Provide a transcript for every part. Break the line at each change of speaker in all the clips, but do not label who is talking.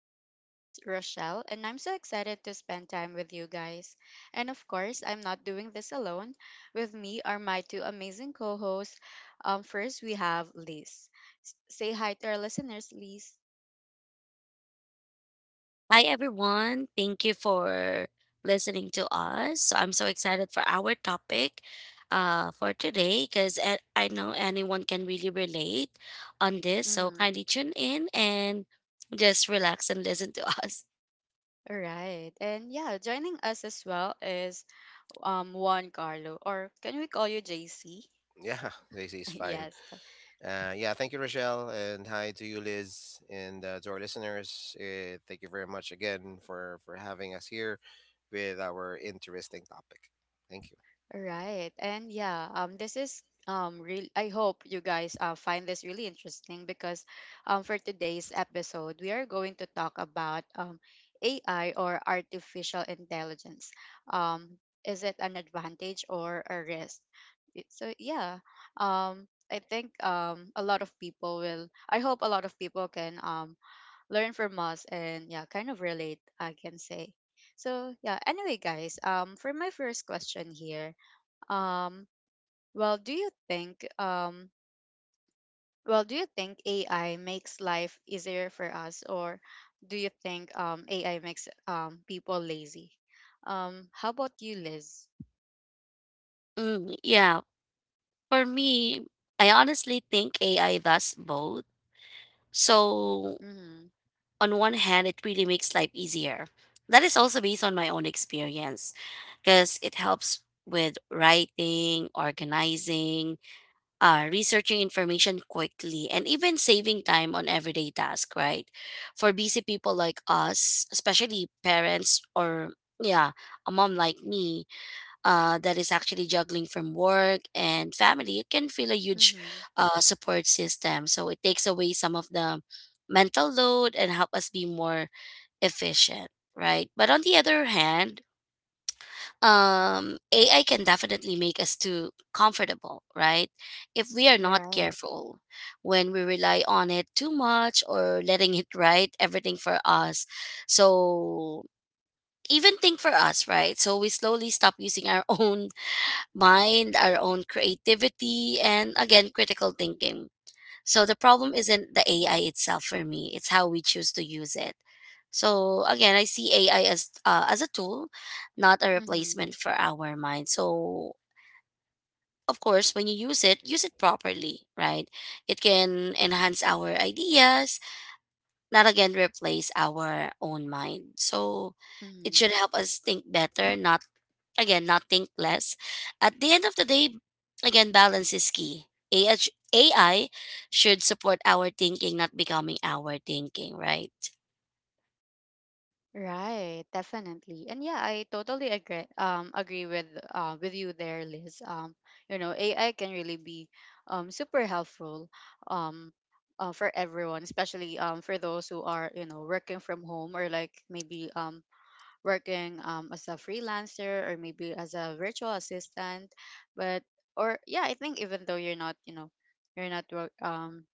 I'm your host, Rochelle, and I'm so excited to spend time with you guys. And of course, I'm not doing this alone. With me are my two amazing co hosts. First, we have Liz. Say hi to our listeners, Liz.
Hi, everyone. Thank you for listening to us. So I'm so excited for our topic for today because I know anyone can really relate on this. So
Mm-hmm.
kindly tune in and just relax and listen to us.
All right. And yeah, joining us as well is Juan Carlo, or can we call you JC?
Yeah, Daisy is fine.
Yes.
Yeah, thank you, Rochelle, and hi to you, Liz, and to our listeners. Thank you very much again for having us here with our interesting topic. Thank you.
Right. And yeah, this is real I hope you guys find this really interesting because for today's episode we are going to talk about AI or artificial intelligence. Um is it an advantage or a risk? It- So yeah, I think a lot of people will I hope a lot of people can learn from us and yeah, kind of relate, I can say. So yeah, anyway guys, for my first question here, um, well, do you think um, well, do you think AI makes life easier for us, or do you think AI makes people lazy? How about you, Liz?
Yeah, for me, I honestly think AI does both. So
Mm-hmm.
on one hand, it really makes life easier. That is also based on my own experience because it helps with writing, organizing, researching information quickly, and even saving time on everyday tasks, right? For busy people like us, especially parents or, yeah, a mom like me, that is actually juggling from work and family, it can feel a huge
Mm-hmm.
support system. So it takes away some of the mental load and help us be more efficient, right? But on the other hand, AI can definitely make us too comfortable, right? If we are not
Right.
careful, when we rely on it too much or letting it write everything for us. So even think for us, right? So we slowly stop using our own mind, our own creativity, and again, critical thinking. So the problem isn't the AI itself for me, it's how we choose to use it. So again, I see AI as as a tool, not a
Mm-hmm.
replacement for our mind. So of course, when you use it properly, right? It can enhance our ideas, not again replace our own mind. So it
Mm-hmm.
should help us think better, not again, not think less. At the end of the day, again, balance is key. AI should support our thinking, not becoming our thinking, right?
Right, definitely. And yeah, I totally agree with you there, Liz. You know, AI can really be super helpful um for everyone, especially for those who are, you know, working from home or like maybe working as a freelancer or maybe as a virtual assistant. But I think even though you're not, you know, you're not wo-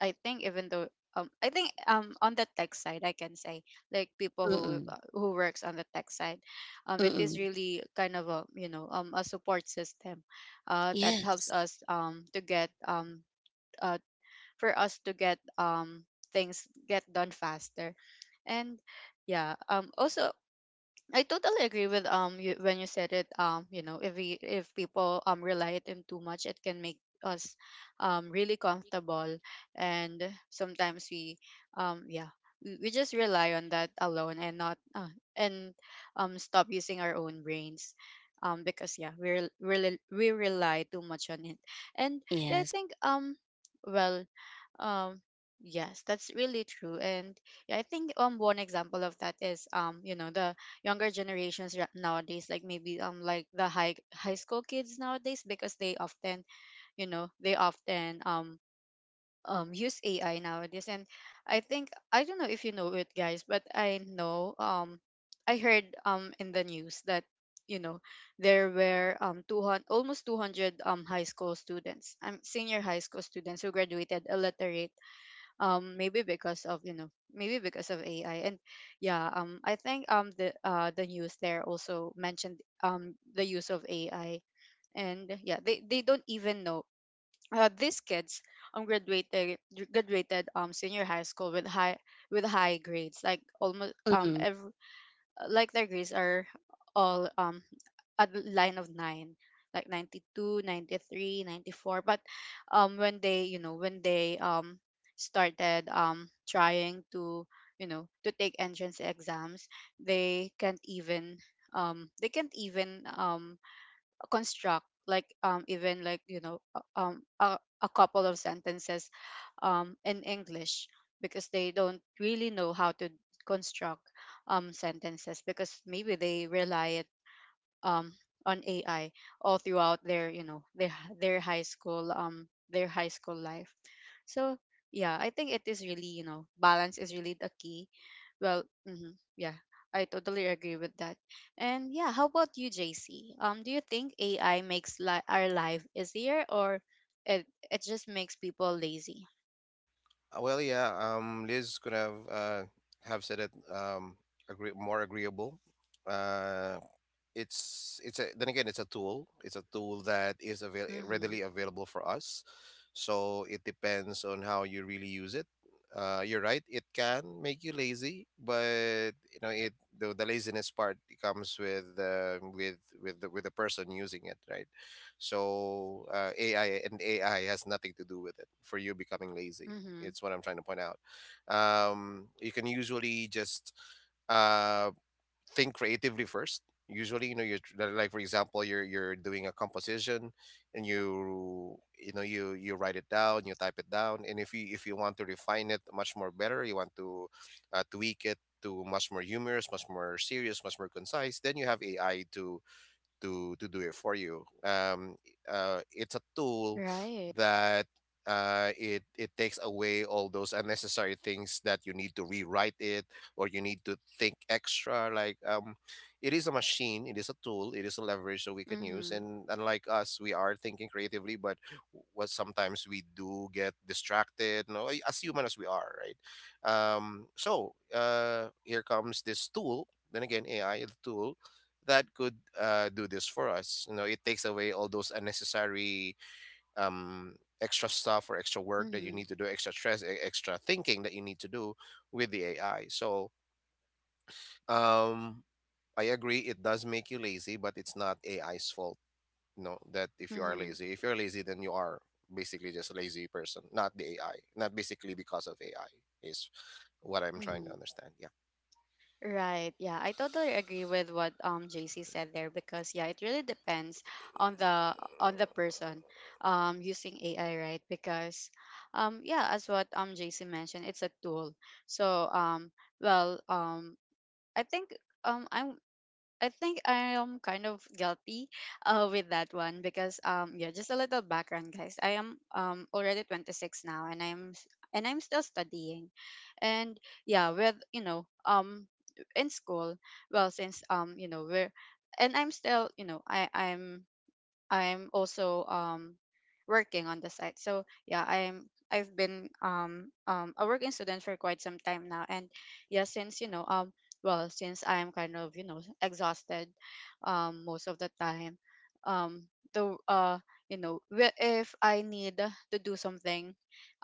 I think even though I think on the tech side I can say like people
Mm-mm.
who works on the tech side it is
Mm-mm.
really kind of a, you know, a support system that helps
Yes.
us to get uh for us to get things get done faster and yeah also I totally agree with you, when you said it, you know, if people rely it in too much it can make us really comfortable, and sometimes we yeah we just rely on that alone and not and stop using our own brains because we rely too much on it. And yeah I
Yes.
think well um yes that's really true. And yeah, I think one example of that is, you know, the younger generations nowadays, like maybe like the high school kids nowadays, because they often, you know, they often use AI nowadays. And I think I don't know if you know it guys, but I know I heard in the news that, you know, there were um 200 almost 200 high school students, senior high school students, who graduated illiterate, maybe because of, you know, maybe because of AI. And yeah, I think the news there also mentioned the use of AI. And yeah, they don't even know, these kids um graduated graduated senior high school with high grades, like almost
Mm-mm.
like their grades are all a line of nine, like 92, 93, 94. But when they, you know, when they started trying to, you know, to take entrance exams, they can't even they can't even construct like even like, you know, a couple of sentences in English, because they don't really know how to construct sentences, because maybe they rely it um on AI all throughout their, you know, their their high school life. So yeah, I think it is really, you know, balance is really the key. Yeah, I totally agree with that. And yeah, how about you, JC? Do you think AI makes our life easier, or it just makes people lazy?
Liz could have said it more agreeable. Uh, then again, it's a tool. It's a tool that is
Mm-hmm.
readily available for us. So it depends on how you really use it. You're right. It can make you lazy, but you know it. The laziness part comes with with the person using it, right? So AI, and AI has nothing to do with it for you becoming lazy.
Mm-hmm.
It's what I'm trying to point out. You can usually just uh, think creatively first. Usually, you know, like for example, you're doing a composition, and you write it down, you type it down, and if you want to refine it much more better, you want to tweak it to much more humorous, much more serious, much more concise, then you have AI to to do it for you. It's a tool
Right.
that it takes away all those unnecessary things that you need to rewrite it or you need to think extra. Like it is a machine, it is a tool, it is a leverage that we can use.
Mm-hmm.
And unlike us, we are thinking creatively, but what sometimes we do get distracted. No, y- As human as we are, right? So, here comes this tool. Then again, AI is a tool that could do this for us. You know, it takes away all those unnecessary um, extra stuff or extra work that you
Mm-hmm.
need to do, extra stress, extra thinking that you need to do with the AI. So um, I agree, it does make you lazy, but it's not AI's fault. You know that if you are
Mm-hmm.
lazy, if you're lazy, then you are basically just a lazy person, not the AI, not basically because of AI is what I'm trying to
Mm-hmm.
understand. Yeah.
Right. Yeah, I totally agree with what JC said there, because yeah, it really depends on the person using AI, right? Because yeah, as what JC mentioned, it's a tool. So well um I think um I I think I am kind of guilty with that one, because yeah, just a little background guys, I am already 26 now, and I'm still studying. And yeah, with, you know, in school well since you know, we're and I'm still, you know, I'm also working on the side. So yeah, I've been a working student for quite some time now. And yeah, since, you know, since I'm kind of, you know, exhausted most of the time, um the you know, if I need to do something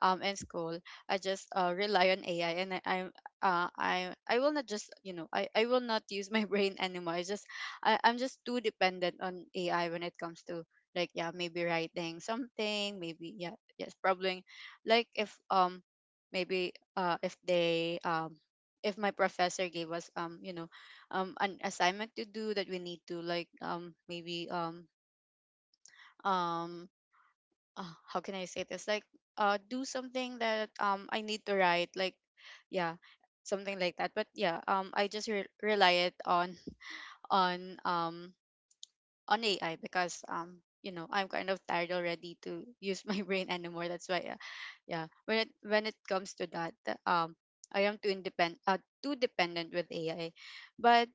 in school, I just rely on AI. And I, I'm I will not just, you know, I will not use my brain anymore. I'm just too dependent on AI when it comes to, like, yeah, maybe writing something. Maybe yeah yes Probably, like, maybe if they if my professor gave us, you know, an assignment to do that we need to, like, maybe um how can I say this, like, do something that I need to write, like, yeah, something like that. But yeah, rely it on on um on AI, because, you know, I'm kind of tired already to use my brain anymore. That's why, yeah, when it, when it comes to that, I am too independent too dependent with AI. But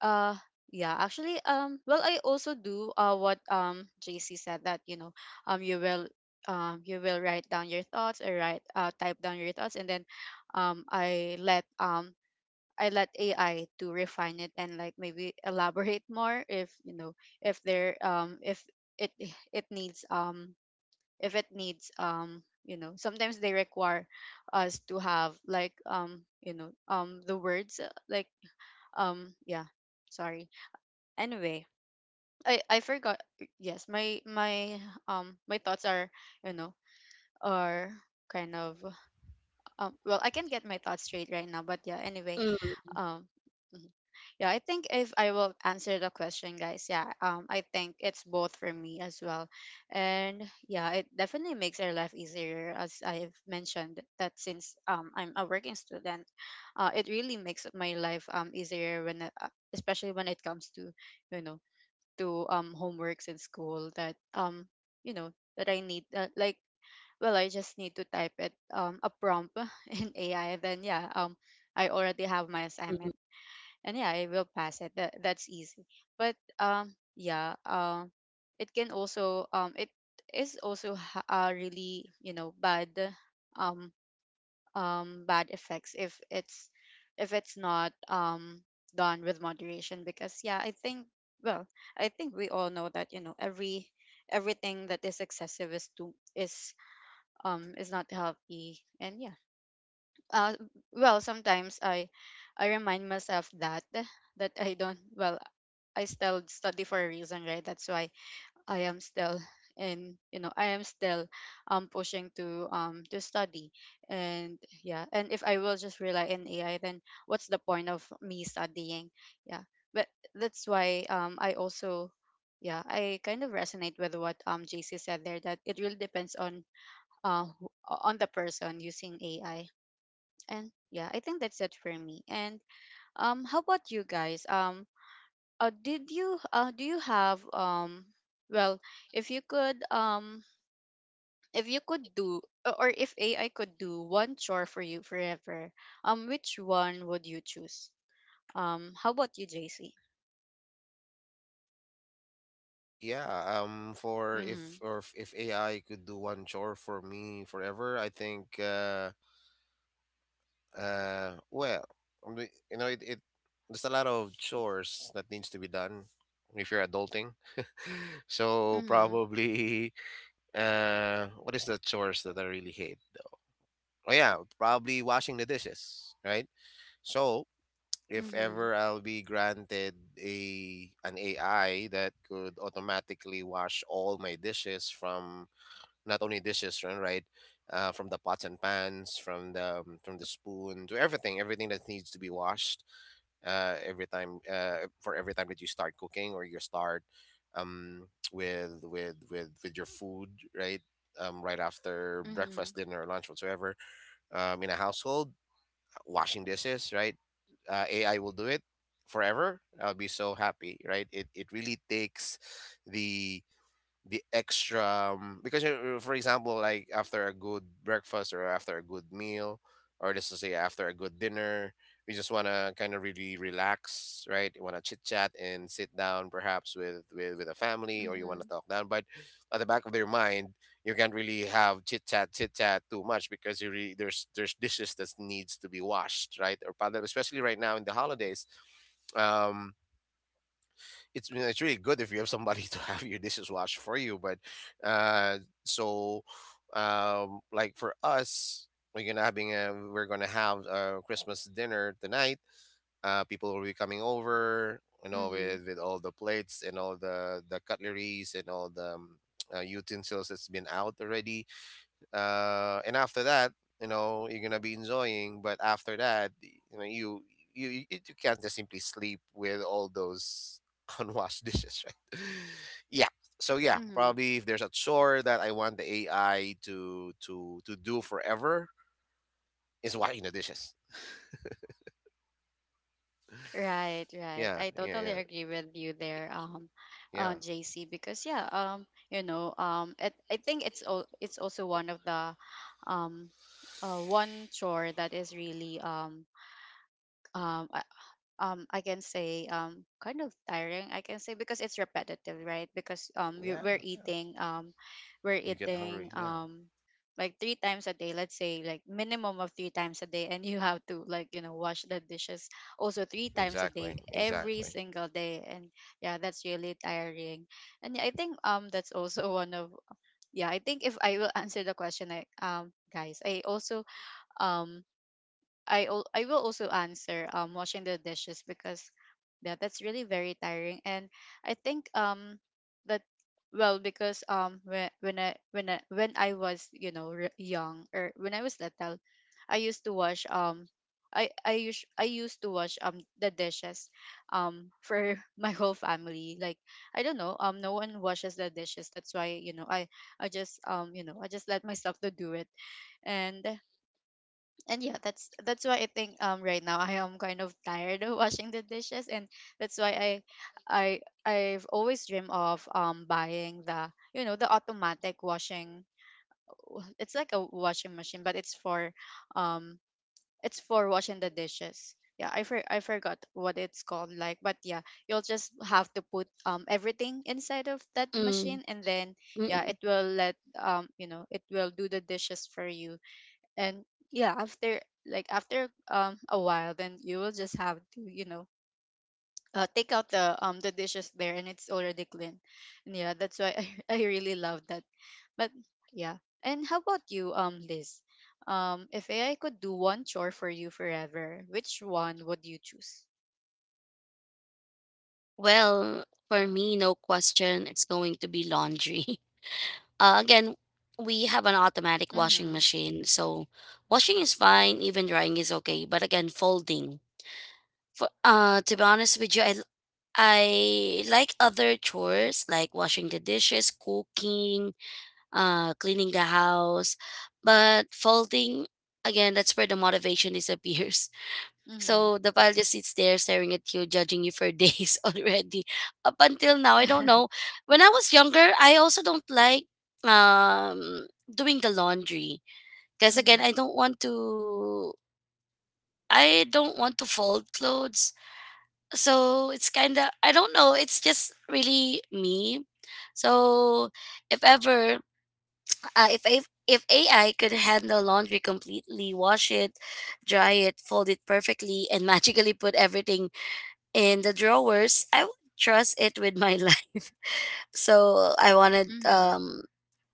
uh yeah, actually, I also do what JC said, that, you know, um you will you will write down your thoughts, or write type down your thoughts, and then um I let um I let AI to refine it, and, like, maybe elaborate more. If you know, if it it needs if it needs, you know, sometimes they require us to have, like, you know, the words um yeah Sorry, anyway, I forgot. Yes my my um my thoughts are, you know, are kind of, I can not get my thoughts straight right now. But yeah, anyway,
Mm-mm.
um yeah, I think if I will answer the question, guys, yeah, I think it's both for me as well, and yeah, it definitely makes our life easier, as I've mentioned, that since I'm a working student, it really makes my life easier when especially when it comes to, you know, to homeworks in school, that you know, that I need like, well, I just need to type it, a prompt in AI, then yeah, I already have my
Mm-mm.
assignment, and yeah, I will pass it. That's easy. But yeah, it can also, it is also really, you know, bad um bad effects if it's, if it's not done with moderation. Because yeah, I think, well I think we all know that, you know, everything that is excessive is too is not healthy. And yeah, uh sometimes I remind myself that, that I don't well I still study for a reason, right? That's why I am still, and you know, I am still pushing to study. And yeah, and if I will just rely on AI, then what's the point of me studying? Yeah. But that's why, I also, yeah, I kind of resonate with what JC said there, that it really depends on on the person using AI. And yeah, I think that's it for me. And how about you guys, did you, do you have, well if you could, if you could do o- or if AI could do one chore for you forever, which one would you choose? Um, how about you, JC?
Yeah, for if
Mhm.
or if if AI could do one chore for me forever, I think well, I mean, you know it, it there's a lot of chores that needs to be done if you're adulting. So
Mhm.
probably what is the chores that I really hate? Oh yeah, probably washing the dishes, right? So if
Mhm.
ever I'll be granted a an AI that could automatically wash all my dishes, from not only dishes, from the pots and pans, from the spoon, to everything, everything that needs to be washed, every time for every time that you start cooking or you start with your food, right? Right after breakfast,
Mhm.
dinner, or lunch, whatsoever, in a household, washing dishes, right? AI will do it forever, I'll be so happy, right? It really takes the extra. Because for example, like after a good breakfast or after a good meal, or just to say after a good dinner, we just want to kind of really relax, right? You want to chit chat and sit down perhaps with a family, or you want to
Mhm.
talk down, but at the back of their mind you can't really have chit chat too much, because you really there's dishes that needs to be washed, right? Or paddle, especially right now in the holidays. um it's, you know, it's really good if you have somebody to have your dishes washed for you. But so Like for us, we're gonna have a Christmas dinner tonight. People will be coming over, you know,
Mhm.
with all the plates and all the cutleries and all the utensils that's been out already, and after that, you know, you're gonna be enjoying. But after that, you know, you can't just simply sleep with all those unwashed dishes, right? yeah. So yeah,
Mhm.
probably if there's a chore that I want the AI to to do forever, is washing the dishes.
Right, right.
Yeah,
I totally agree with you there,
yeah,
JC. Because yeah, I think it's also one of the, um, one chore that is really um, I, I can say kind of tiring, I can say, because it's repetitive, right? Because
yeah.
we're eating we're
You get
eating
hungry. Yeah,
um like three times a day, let's say, like minimum of three times a day, and you have to, like, you know, wash the dishes also three times a day
exactly,
every
exactly.
single day. And yeah, that's really tiring. And yeah, I think that's also one of... Yeah, I think if I will answer the question, guys, I also um I will also answer washing the dishes, because yeah, that's really very tiring. And I think that... Well, because when I was, you know, young, or when I was little, I used to wash I used to wash the dishes for my whole family, like, I don't know, no one washes the dishes, that's why, you know, I just, you know, I just let myself to do it. And and yeah, that's why I think right now I am kind of tired of washing the dishes. And that's why i I've always dreamed of buying, the you know, the automatic washing. It's like a washing machine, but it's for, um it's for washing the dishes. Yeah, I forgot what it's called, like, but yeah, you'll just have to put everything inside of that
Mm-mm.
machine, and then yeah,
Mm-mm.
it will let, you know, it will do the dishes for you. And yeah, after, like after a while, then you will just have to, you know, take out the dishes there, and it's already clean. And yeah, that's why I really love that. But yeah. And how about you, Liz? If AI could do one chore for you forever, which one would you choose?
Well, for me, no question, it's going to be laundry. Again, we have an automatic washing
Mm-hmm.
machine, so washing is fine, even drying is okay. But again, folding. For, to be honest with you, I like other chores like washing the dishes, cooking, cleaning the house, but folding again, that's where the motivation disappears.
Mm-hmm.
So the file just sits there staring at you, judging you for days already. Up until now, I don't know. When I was younger, I also don't like doing the laundry. Because again,
Mm-hmm.
I don't want to fold clothes. So it's kinda I don't know, it's just really me. So if ever uh, if I if AI could handle laundry completely, wash it, dry it, fold it perfectly, and magically put everything in the drawers, I would trust it with my life. So
Mm-hmm.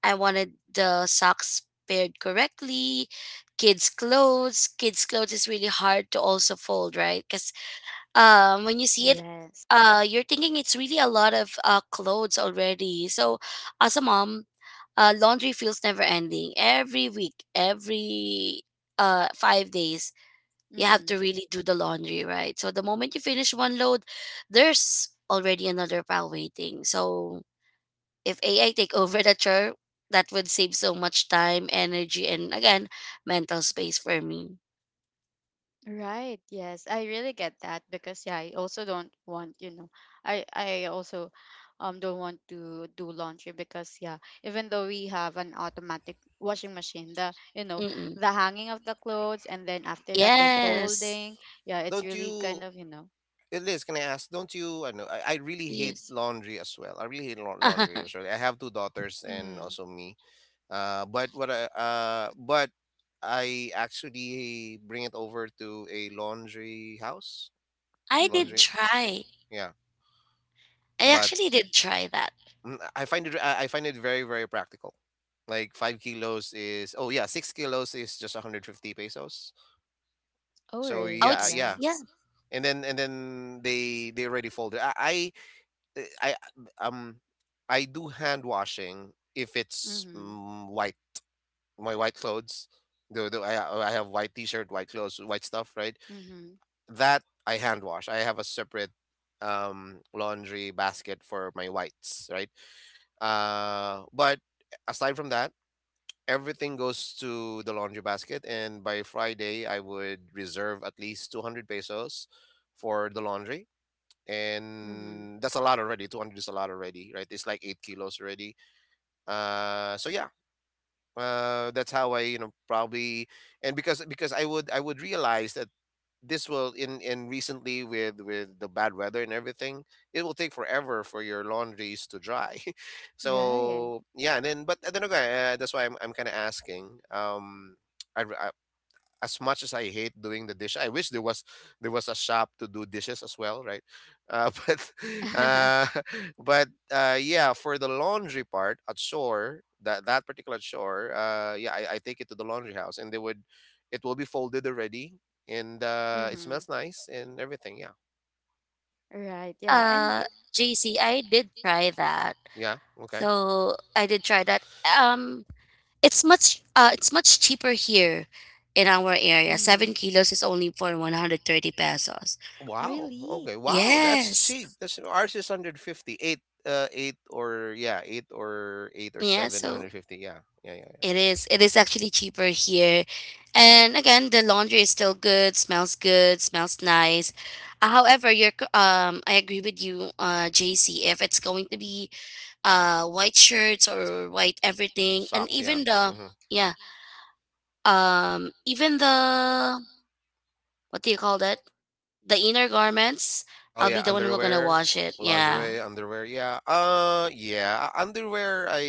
I wanted the socks paired correctly. Kids clothes is really hard to also fold, right? Cuz when you see it
Yes.
you're thinking it's really a lot of clothes already. So as a mom, laundry feels never ending. Every week, every 5 days you have
Mm-hmm.
to really do the laundry, right? So the moment you finish one load, there's already another pile waiting. So if AI take over that chore, that would save so much time, energy, and again, mental space for me.
Right. Yes, I really get that, because yeah, I also don't want, you know, I also don't want to do laundry, because yeah, even though we have an automatic washing machine, the, you know,
Mm-mm.
the hanging of the clothes, and then after that the
Yes,
folding, yeah, it's
Don't
really kind
you?
of, you know.
Eh, Liz, can I ask? Don't you? I know. I really hate
yes.
laundry as well. I really hate laundry
I
as well. I have two daughters and
Mhm.
also me. But what I but I actually bring it over to a laundry house.
did
Mhm.
Laundry,
try.
yeah.
I
But
actually did try that.
I find it very very practical. Like 5 kilos is, oh yeah, 6 kilos is just 150 pesos.
Oh,
So
Oh,
really?
yeah,
it's
Yeah.
yeah,
yeah.
and then they already folded. Uh, I um I do hand washing if it's
Mhm.
white, my white clothes. Though I have white t-shirt, white clothes, white stuff, right?
Mhm.
That I hand wash. I have a separate laundry basket for my whites, right? But aside from that, everything goes to the laundry basket, and by Friday I would reserve at least 200 pesos for the laundry,
Mhm.
and that's a lot already. 200 is a lot already, right? It's like 8 kilos already. uh so yeah that's how, I you know, probably. And because I would I would realize that this will, in recently with the bad weather and everything, it will take forever for your laundries to dry.
Right.
so yeah, and then, but I don't know, that's why I'm kind of asking. I, as much as I hate doing the dish, I wish there was a shop to do dishes as well, right? But uh, but yeah, for the laundry part at shore, that particular shore, I take it to the laundry house, and they would, it will be folded already, and it
Mhm.
smells nice and everything. Yeah,
Right. Yeah. And yeah.
Uh, JC, I did try that.
yeah, okay.
So I did try that. It's much cheaper here in our area. 7
Mhm.
kilos is only for 130 pesos.
Wow,
Really?
okay, wow, that's
Yes.
cheap. That's, ours is 158. Eight or yeah, eight or eight or
Yeah,
seven,
so
150. Yeah, yeah, yeah.
it is actually cheaper here. And again, the laundry is still good, smells nice. However, I agree with you, JC. If it's going to be white shirts
Like
or white everything, and
socks, yeah.
even the
Hmm.
yeah, even the what do you call that? The inner garments,
Oh
I'll
yeah,
be the one who gonna
underwear,
wash it. Yeah.
lingerie, underwear. Yeah. Underwear. I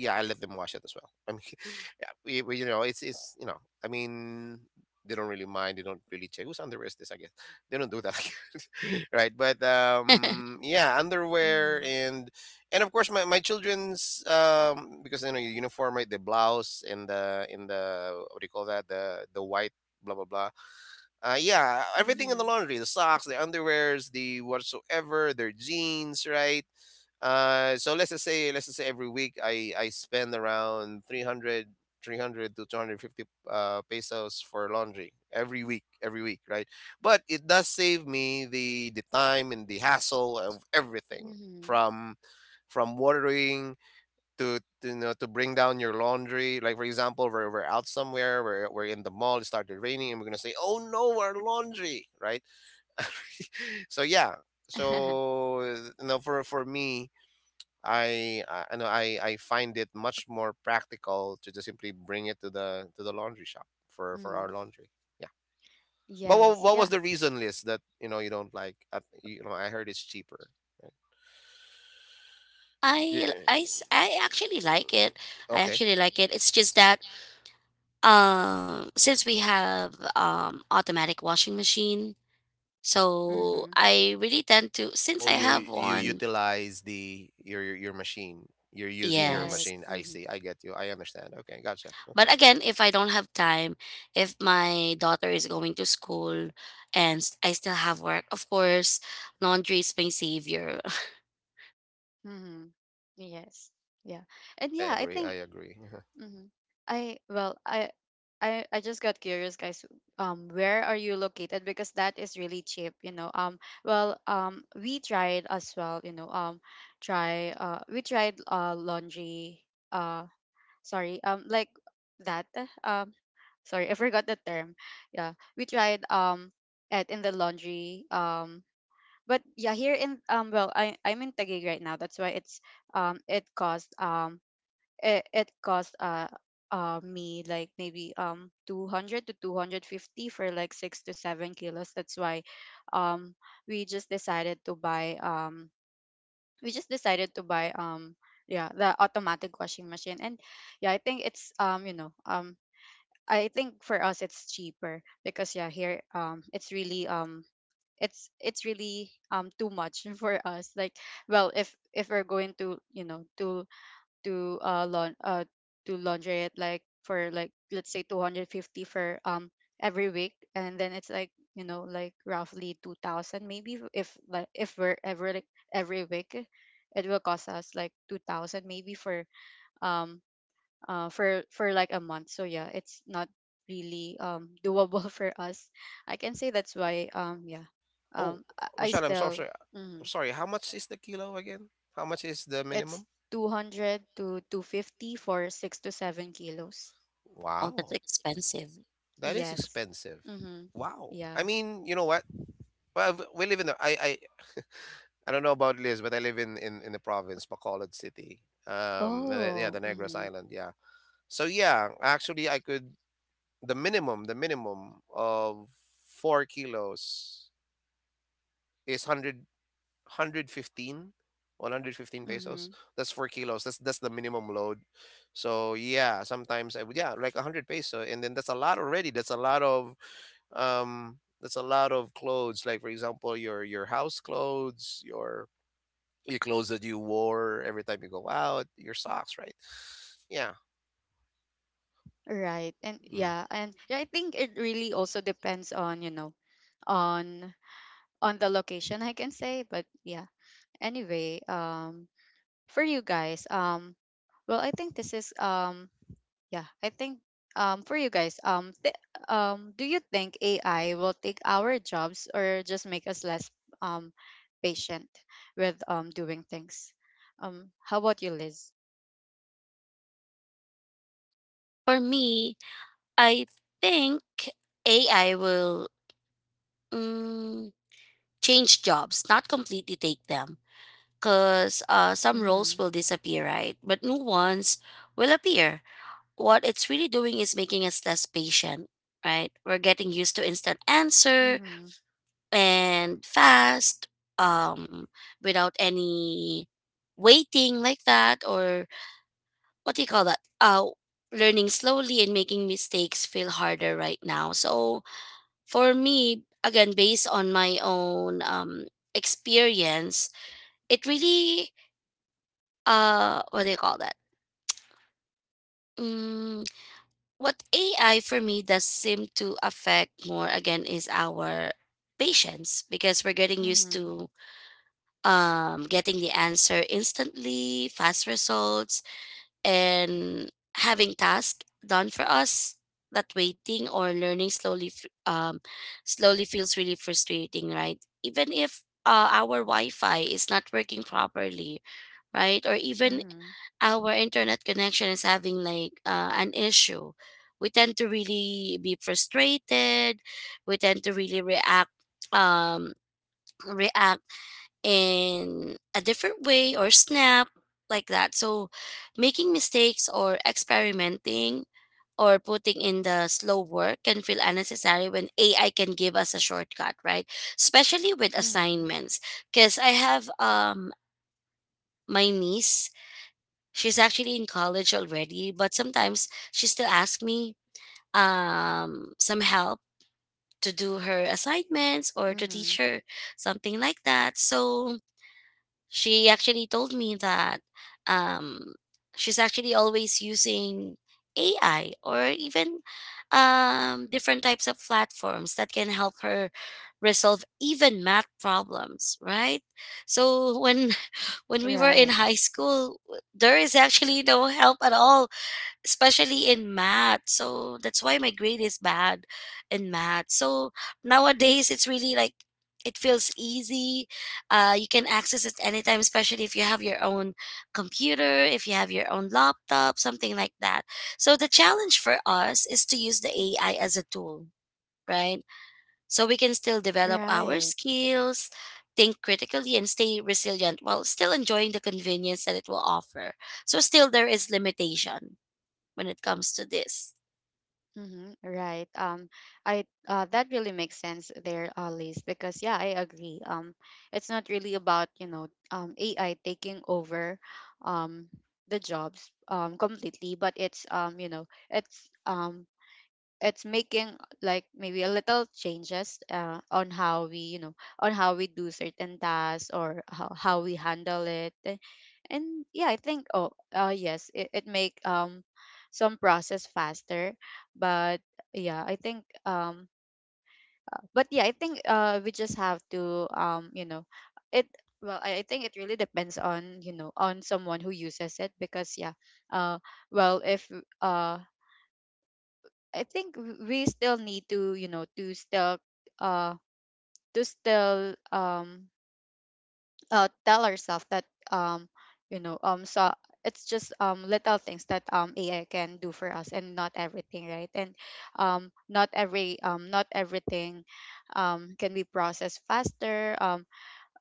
yeah, I let them wash it as well. I mean, yeah, you know, it's you know, I mean, they don't really mind. They don't really check whose underwear is this. I guess they don't do that, right? But yeah, underwear,
Mhm.
and of course, my children's, because, you know, your uniform, right? The blouse and the in the, what do you call that? The white, blah blah blah. Yeah, everything in the
Mhm.
laundry, the socks, the underwears, the whatsoever, their jeans, right? Let's just say, every week I spend around 300, 300 to 250 pesos for laundry, every week, right? But it does save me the time and the hassle of everything,
Mhm.
from watering, to you know, to bring down your laundry. Like for example, we're out somewhere, we're in the mall, it started raining, and we're gonna say, oh no, our laundry, right? So yeah. So you know, for me, I know I find it much more practical to just simply bring it to the laundry shop for our
Mhm.
laundry, yeah. But
Yes.
what
Yeah.
was the reason, list that, you know, you don't like, you know, I heard it's cheaper, right? Yeah,
I actually like it. I
okay.
actually like it. It's just that since we have automatic washing machine, so
Hmm.
I really tend to since
Oh,
I
you
have one,
utilize the your machine. You're using your
Right.
yes.
machine. I
Hmm.
see. I get you. I understand. Okay, gotcha. Okay,
But again, if I don't have time, if my daughter is going to school and I still have work, of course, laundry is my savior.
Hmm. Yes. Yeah. And
I
yeah, I
agree. I
think...
agree. Uh-huh.
Hmm. I well, I I just got curious, guys. Where are you located? Because that is really cheap, you know. Well, we tried as well, you know. Try We tried laundry uh, sorry, like that, um sorry, I forgot the term. Yeah, we tried at in the laundry. But yeah, here in, well, I'm in Taguig right now, that's why it's um it cost um it cost me, like maybe 200 to 250 for like 6 to 7 kilos. That's why um we just decided to buy um we just decided to buy yeah, the automatic washing machine. And yeah, I think it's, you know, I think for us it's cheaper, because yeah, here it's really it's really too much for us, like, well, if we're going to, you know, to, to laundry it, like for, like, let's say 250 for every week, and then it's like, you know, like roughly 2000 maybe, if, like if we're every, like, every week, it will cost us like 2000 maybe um for like a month. So yeah, it's not really doable for us, I can say, that's why yeah.
Oh,
um I
Rochelle, I'm so
still,
sorry. I'm
mm,
sorry. How much is the kilo again? How much is the
it's
minimum?
200 to 250 for 6 to 7 kilos.
Oh, that's
Wow,
expensive.
that is
Yes.
expensive.
Mm-hmm.
Wow. I
Yeah.
mean, you know what? We live in the I don't know about Liz, but I live in the province, Bacolod City. Yeah, the
Oh.
Negros
Mm-hmm.
Island. Yeah. So yeah, actually, I could. The minimum, of 4 kilos is 100 pesos.
Mm-hmm.
That's 4 kilos, that's the minimum load. So yeah, sometimes I would, yeah, like 100 peso, and then that's a lot already. That's a lot of that's a lot of clothes. Like for example, your house clothes, your clothes that you wore every time you go out, your socks, right? Yeah.
Right.
Mm.
And yeah, I think it really also depends on, you know, on on the location, I can say, but yeah. Anyway, for you guys, well, I think this is yeah, I think for you guys, do you think AI will take our jobs or just make us less um patient with doing things? How about you, Liz?
For me, I think AI will mm, change jobs, not completely take them, because some roles
Mhm.
will disappear, right? But new ones will appear. What it's really doing is making us less patient, right? We're getting used to instant answer
Mhm.
and fast, um, without any waiting like that, or what do you call that? Learning slowly and making mistakes feel harder right now. So for me again based on my own experience it really what do you call that mm, what AI for me does seem to affect more again is our patience because we're getting used
Mhm.
to getting the answer instantly fast results and having tasks done for us that waiting or learning slowly slowly feels really frustrating right even if our wi-fi is not working properly right or even
Mhm.
our internet connection is having like an issue we tend to really be frustrated we tend to really react um react in a different way or snap like that. So making mistakes or experimenting or putting in the slow work can feel unnecessary when AI can give us a shortcut, right? Especially with
Mhm.
assignments. Because I have my niece, she's actually in college already, but sometimes she still asks me some help to do her assignments or to
Mhm.
teach her something like that. So she actually told me that um, she's actually always using AI or even different types of platforms that can help her resolve even math problems, right? So when when we were
Right,
in high school, there is actually no help at all especially in math. So that's why my grade is bad in math. So nowadays it's really like it feels easy. You can access it anytime, especially if you have your own computer, if you have your own laptop, something like that. So the challenge for us is to use the AI as a tool, right? So we can still develop our
right.
skills, think critically, and stay resilient while still enjoying the convenience that it will offer. So still there is limitation when it comes to this.
Mhm, right. I that really makes sense there, Liz, because yeah, I agree. It's not really about, you know, AI taking over um the jobs completely, but it's, you know, it's making, like, maybe a little changes on how we, you know, on how we do certain tasks or how we handle it. And yeah, I think yes, it make some process faster, but yeah, I think but yeah, I think we just have to, you know, it, well, I think it really depends, on you know, on someone who uses it, because yeah, uh well, if uh I think we still need to, you know, uh to still tell ourselves that um you know, so it's just little things that AI can do for us, and not everything, right? And not everything can be processed faster. Um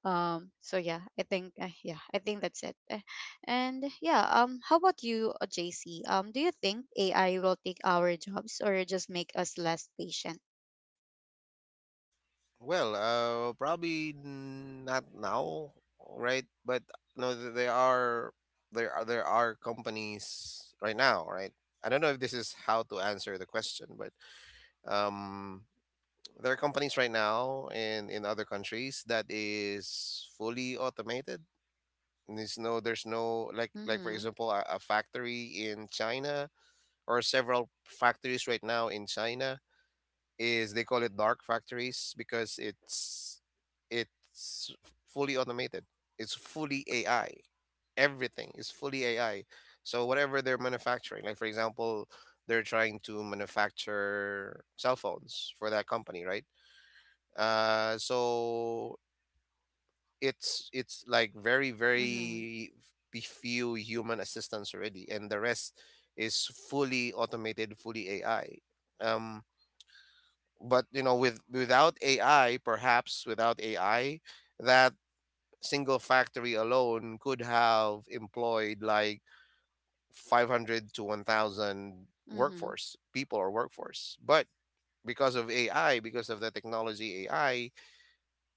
um So yeah, I think that's it. Eh, and yeah, how about you, JC? Do you think AI will take our jobs or just make us less patient?
Well, probably not now, right? But no, there are there are companies right now, right? I don't know if this is how to answer the question, but um, there are companies right now in other countries that is fully automated. And there's no like for
Mhm.
example a factory in China or several factories right now in China is they call it dark factories because it's fully automated. It's fully AI. Everything is fully AI. So whatever they're manufacturing, like for example, they're trying to manufacture cell phones for that company, right? So it's like very
Mhm.
very be few human assistants already, and the rest is fully automated, fully AI. Um, but you know with without ai, perhaps without ai that single factory alone could have employed like 500 to 1000
Mhm.
workforce people or workforce. But because of ai, because of the technology ai,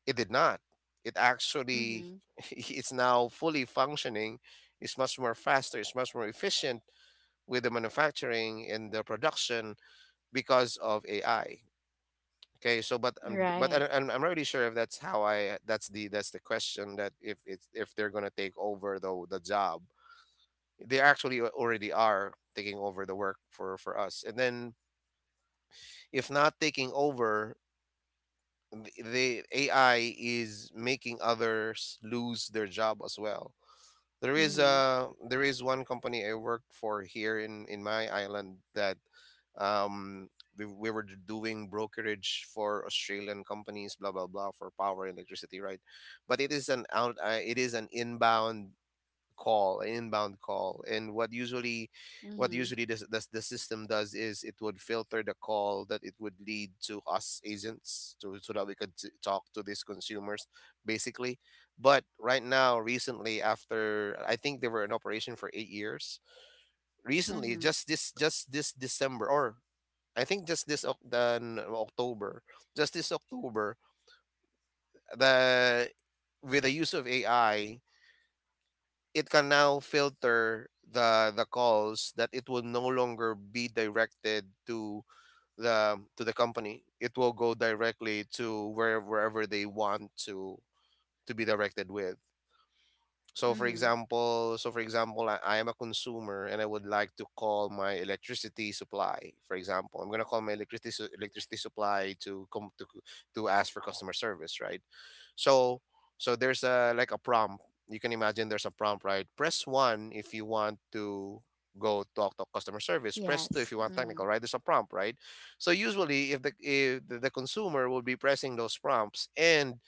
it did not it actually
Mhm.
it's now fully functioning. It's much more faster, it's much more efficient with the manufacturing and the production because of ai. Okay, so but
Right.
I'm not really sure if that's how I that's the question that if it's if they're gonna take over the job, they actually already are taking over the work for us. And then if not taking over, the AI is making others lose their job as well.
Mhm.
There is one company I worked for here in my island that um we were doing brokerage for Australian companies, blah blah blah, for power and electricity, right? But it is an out it is an inbound call, an inbound call. And what usually
Mhm.
this the system does is it would filter the call that it would lead to us agents to so that we could talk to these consumers basically. But right now, recently, after I think they were in operation for 8 years, recently,
Mhm.
just this December, or I think just this Oc- then October, just this October, the with the use of AI, it can now filter the calls that it will no longer be directed to the company. It will go directly to where wherever they want to be directed with. So for
Mhm.
example, I am a consumer and I would like to call my electricity supply. For example, I'm gonna call my electricity supply to come to ask for customer service, right? So there's a like a prompt. You can imagine there's a prompt, right? Press 1 if you want to go talk to customer service. Press 2 if
Yes.
you want technical,
Mhm.
right? There's a prompt, right? So usually if the consumer will be pressing those prompts and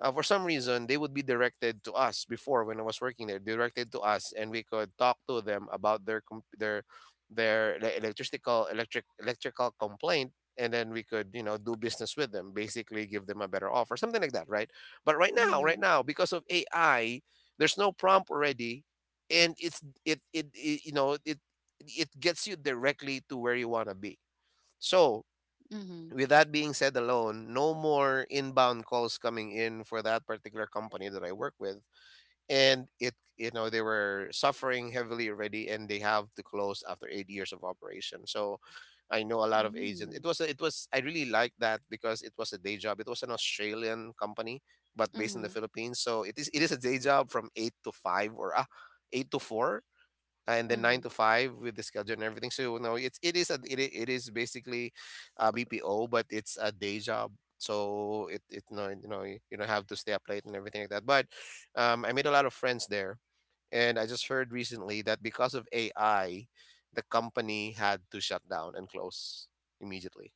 for some reason they would be directed to us. Before when I was working there, directed to us, and we could talk to them about their their electrical complaint, and then we could, you know, do business with them, basically give them a better offer, something like that, right? But right
Mhm.
now because of AI, there's no prompt already, and it, you know, it gets you directly to where you want to be. So
Mhm.
with that being said alone, no more inbound calls coming in for that particular company that I work with. And it, you know, they were suffering heavily already, and they have to close after 8 years of operation. So I know a lot of agents. It
Mhm.
was, it was, I really liked that because it was a day job. It was an Australian company, but based in the
Mhm.
Philippines. So it is a day job from 8 to 5 or 8 to 4 and then nine to
Mhm.
five with the schedule and everything. So no, it is basically a BPO, but it's a day job. So it no, you know, you don't have to stay up late and everything like that. But I made a lot of friends there, and I just heard recently that because of AI, the company had to shut down and close immediately.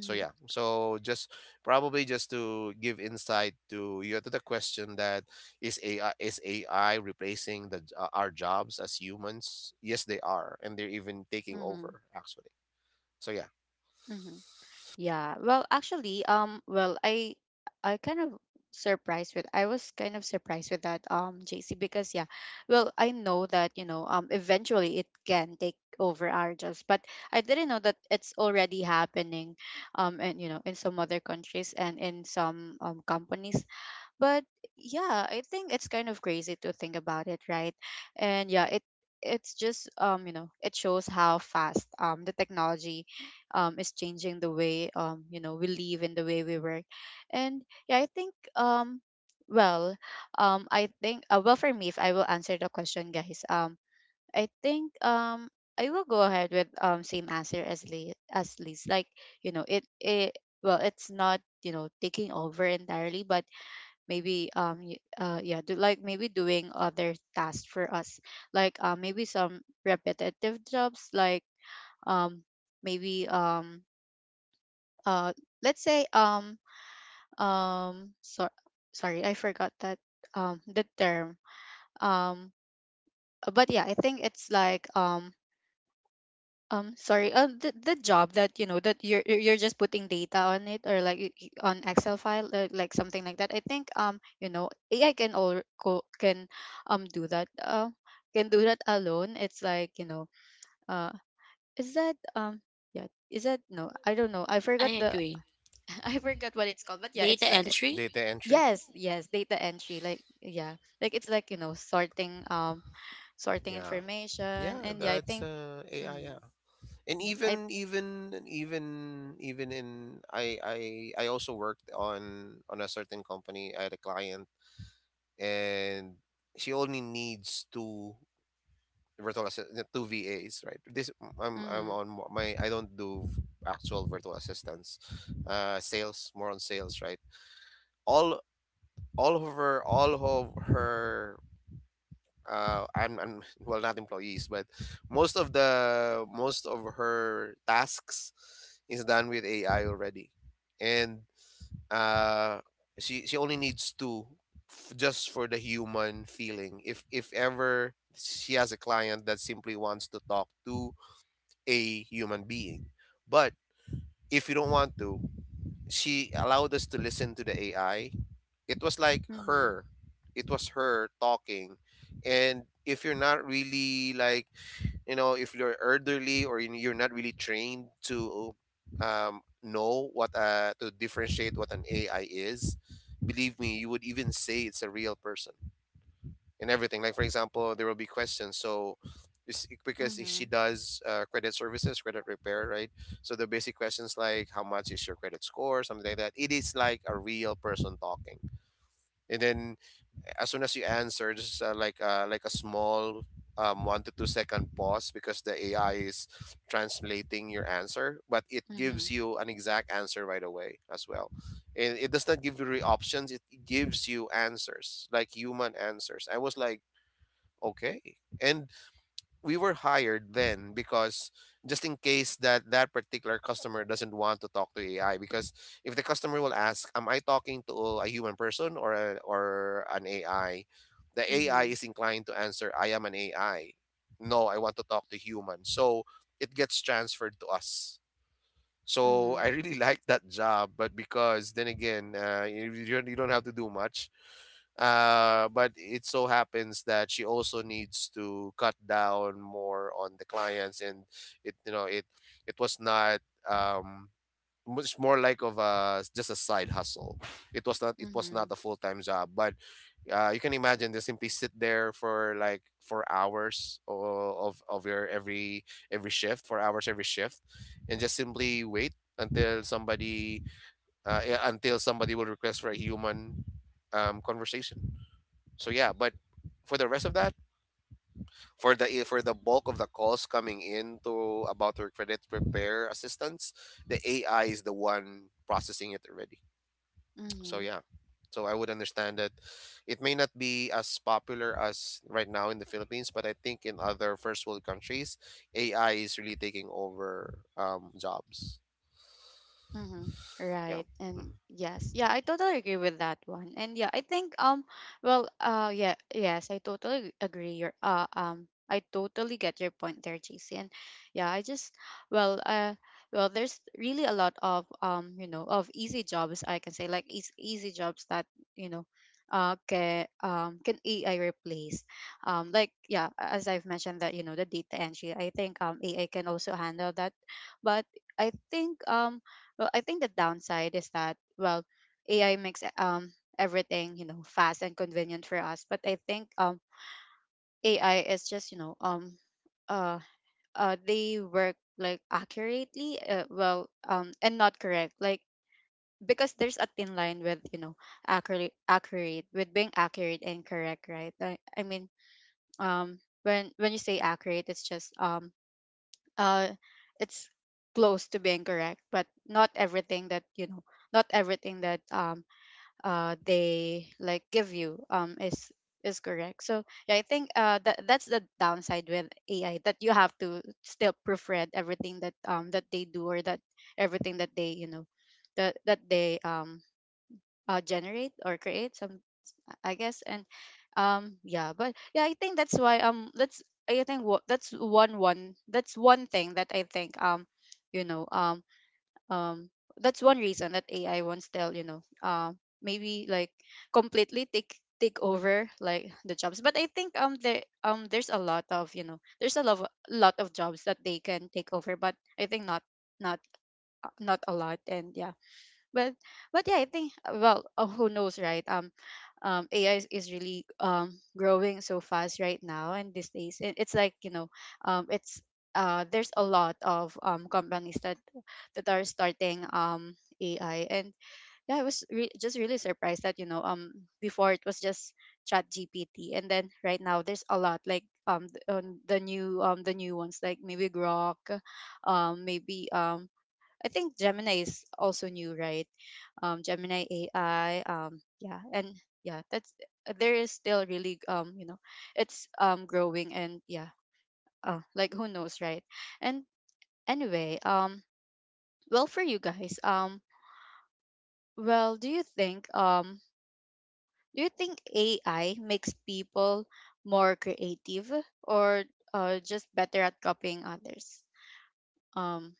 So yeah, so just probably just to give insight to you, to the question that is ai, is ai replacing the our jobs as humans? Yes, they are, and they're even taking
Mhm.
over actually. So yeah.
Mhm. Yeah. Well, actually, well, I kind of surprised with, I was kind of surprised with that, JC, because yeah, well, I know that, you know, eventually it can take over our jobs, but I didn't know that it's already happening, and, you know, in some other countries and in some companies. But yeah, I think it's kind of crazy to think about it, right? And yeah, it's just, you know, it shows how fast the technology is changing the way, you know, we live and the way we work. And yeah, I think well, I think, well, for me, if I will answer the question, guys, I think I will go ahead with same answer as lee as Lee's, like, you know, it, well, it's not, you know, taking over entirely, but maybe yeah, do, like, maybe doing other tasks for us, like, maybe some repetitive jobs, like um maybe uh let's say, um so, sorry, I forgot that, the term, um but yeah, I think it's like, um, sorry. The job that, you know, that you're just putting data on it, or like on Excel file, like something like that. I think, you know, AI can can do that. Can do that alone. It's like, you know, uh is that, yeah, is that, no, I don't know, I forgot
I
the...
agree.
I forgot what it's called, but yeah,
Data
it's like...
entry?
Data entry,
Yes, data entry, like, yeah, like, it's like, you know, sorting sorting
yeah.
information.
Yeah,
And yeah, I
that's
think...
ai,
Mm.
yeah. And
Mm. I.
even in, I also worked on a certain company. I had a client, and she only needs two virtual assistant, two VAs, right? This
Mm-hmm.
I'm on my, I don't do actual virtual assistants, sales, more on sales, right? All all of her I'm, well, not employees but most of her tasks is done with AI already. And uh she only needs two just for the human feeling, if ever she has a client that simply wants to talk to a human being. But if you don't want to, she allowed us to listen to the AI. It was like
Mm-hmm.
her. It was her talking. And if you're not really like, you know, if you're elderly or you're not really trained to know what to differentiate what an AI is, believe me, you would even say it's a real person and everything. Like for example, there will be questions. So because she
Mhm.
does credit services, credit repair, right? So the basic questions, like how much is your credit score, something like that. It is like a real person talking. And then as soon as you answer, just like a small 1 to 2 second pause because the AI is translating your answer, but it gives
Mhm.
you an exact answer right away as well. And it does not give you options; it gives you answers, like human answers. I was like, okay. And we were hired then because just in case that that particular customer doesn't want to talk to ai, because if the customer will ask, am I talking to a human person, or or an ai, the ai
Mhm.
is inclined to answer, I am an ai. No, I want to talk to human. So it gets transferred to us. So I
Mhm.
really like that job, but because then again, you don't have to do much, but it so happens that she also needs to cut down more on the clients, and it you know it it was not um much more like of a, just a side hustle. It was not
Mhm.
a full time job. But you can imagine they simply sit there for like 4 hours of your every shift, 4 hours every shift, and just simply wait until somebody, yeah, until somebody will request for a human conversation. So yeah. But for the rest of that, for the for the bulk of the calls coming in to about your credit repair assistance, the AI is the one processing it already. So
Mhm.
yeah. So I would understand that it may not be as popular as right now in the Philippines, but I think in other first world countries, AI is really taking over jobs.
Mm-hmm.
Yeah.
Right. And
Mm-hmm.
yes. Yeah, I totally agree with that one. And yeah, I think well yeah, yes, I totally agree your I totally get your point there, JC. And yeah, I just, well uh well, there's really a lot of, you know, of easy jobs, I can say, like easy, easy jobs that, you know, can, can AI replace, like, yeah, as I've mentioned, that, you know, the data entry, I think AI can also handle that. But I think well, I think the downside is that, well, AI makes, everything, you know, fast and convenient for us, but I think AI is just, you know, uh they work, like, accurately, well, and not correct, like, because there's a thin line with, you know, accurate with being accurate and correct, right? I mean, when you say accurate, it's just, uh it's close to being correct, but not everything that, you know, not everything that they, like, give you is correct. So yeah, I think that's the downside with AI, that you have to still proofread everything that, that they do, or that everything that they, you know, that they, generate or create something, I guess. But I think that's why that's I think what that's one one that's one thing that I think you know um um that's one reason that AI won't still maybe completely take over the jobs. But I think there's a lot of there's a lot of jobs that they can take over, but I think not not a lot. And yeah but but yeah I think who knows, right? AI is really growing so fast right now and these days. It's like you know, it's there's a lot of companies that are starting AI. And yeah, I was just really surprised that before it was just Chat GPT, and then right now there's a lot, like on the new, the new ones, like maybe Grok, maybe I think Gemini is also new, right? Gemini AI. Yeah, and yeah, that's There is still really, you know, it's growing. And yeah, like who knows, right? And anyway, for you guys, do you think AI makes people more creative or just better at copying others? Um,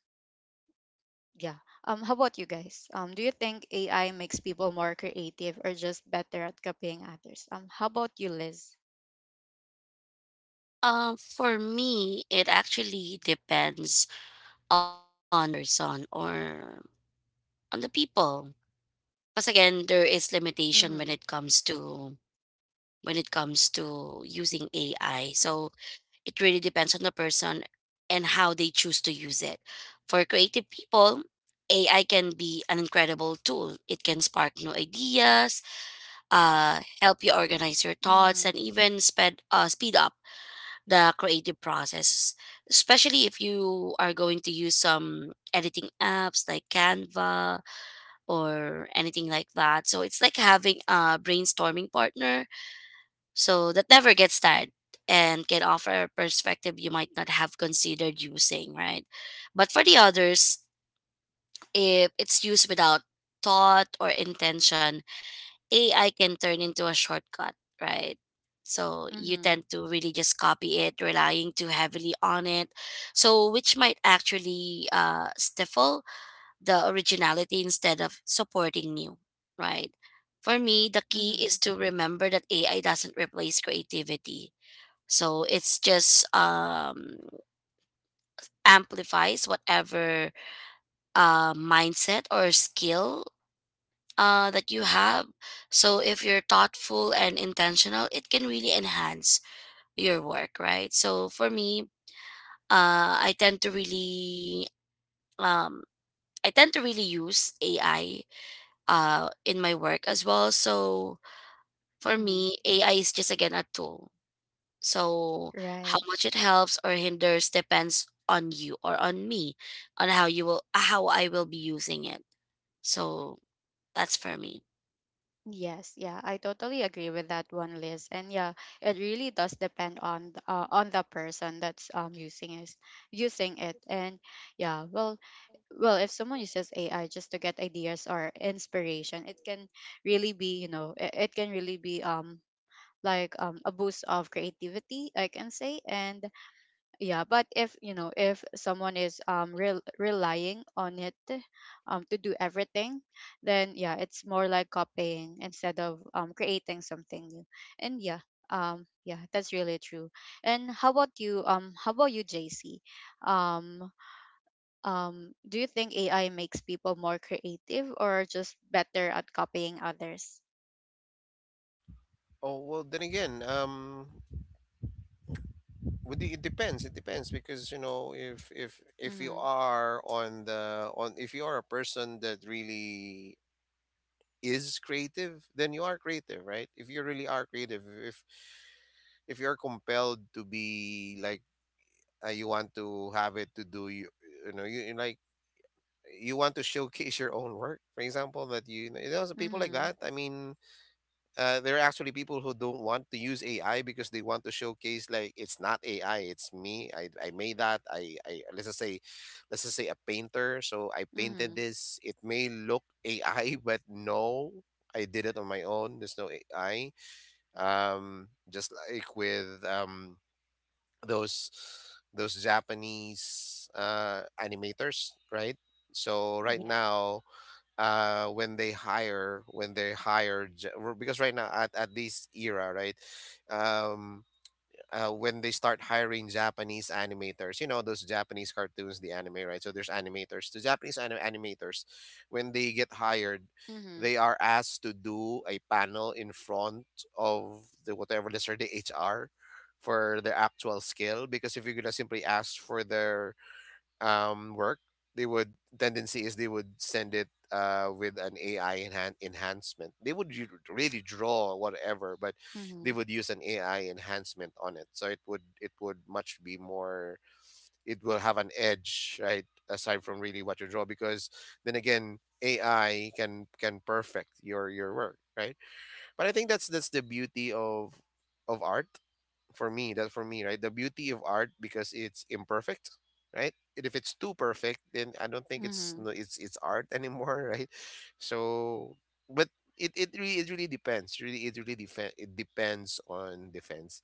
yeah. How about you guys? Do you think AI makes people more creative or just better at copying others? How about you, Liz?
For me, it actually depends on person or on the people. Because again, there is limitation when
Mhm.
it comes to using AI. So it really depends on the person and how they choose to use it. For creative people, AI can be an incredible tool. It can spark new ideas, help you organize your thoughts
Mhm.
and even speed up the creative process, especially if you are going to use some editing apps like Canva or anything like that. So it's like having a brainstorming partner so that never gets tired and can offer a perspective you might not have considered using, right? But for the others, if it's used without thought or intention, AI can turn into a shortcut, right? So you
Mhm.
tend to really just copy it, relying too heavily on it. So which might actually stifle the originality instead of supporting new, right? For me, the key is
Mhm.
to remember that AI doesn't replace creativity. So it's just amplifies whatever mindset or skill that you have. So if you're thoughtful and intentional, it can really enhance your work, right? So for me, uh, I tend to really um, I tend to really use AI in my work as well. So for
Mhm.
me, AI is just again a tool. So how
Right.
much it helps or hinders depends on you or on me on how you will how I will be using it. So that's for me.
Yes. Yeah, I totally agree with that one, Liz. And yeah, it really does depend on the person that's using it. And yeah, if someone uses AI just to get ideas or inspiration, it can really be, you know, it can really be a boost of creativity, I can say. And yeah, but if if someone is relying on it to do everything, then yeah, it's more like copying instead of creating something new. And yeah yeah That's really true. And how about you, JC? um do you think AI makes people more creative or just better at copying others?
Oh, well, then again, with the, it depends. It depends because, you know, if you
Mhm.
are on the on, if you are a person that really is creative, then you are creative, right? If you really are creative, if you're compelled to be like, you want to have it to do you, you know you like, you want to showcase your own work, for example, that you know. So people like
Mhm.
that, I mean, there are actually people who don't want to use ai because they want to showcase like, it's not ai, it's me, I made that. I, let's just say a painter. So I painted
Mhm.
this, it may look ai but no, I did it on my own, there's no ai. Just like with those japanese animators, right? So right
Yes.
now, when they hire, because right now at this era, right, um when they start hiring japanese animators, you know, those japanese cartoons, the anime, right? So there's animators, the japanese animators, when they get hired,
Mhm.
they are asked to do a panel in front of the whatever, let's say the hr, for their actual skill. Because if you're gonna simply ask for their work, they would tendency is they would send it with an AI enhancement. They would really draw whatever, but they
Mhm.
would use an AI enhancement on it. So it would much be more. It will have an edge, right? Aside from really what you draw, because then again, AI can perfect your work, right? But I think that's the beauty of art for me. That for me right The beauty of art, because it's imperfect, right? And if it's too perfect, then I don't think it's,
Mhm.
no, it's art anymore, right? So but it, it really depends really it really it depends on defense.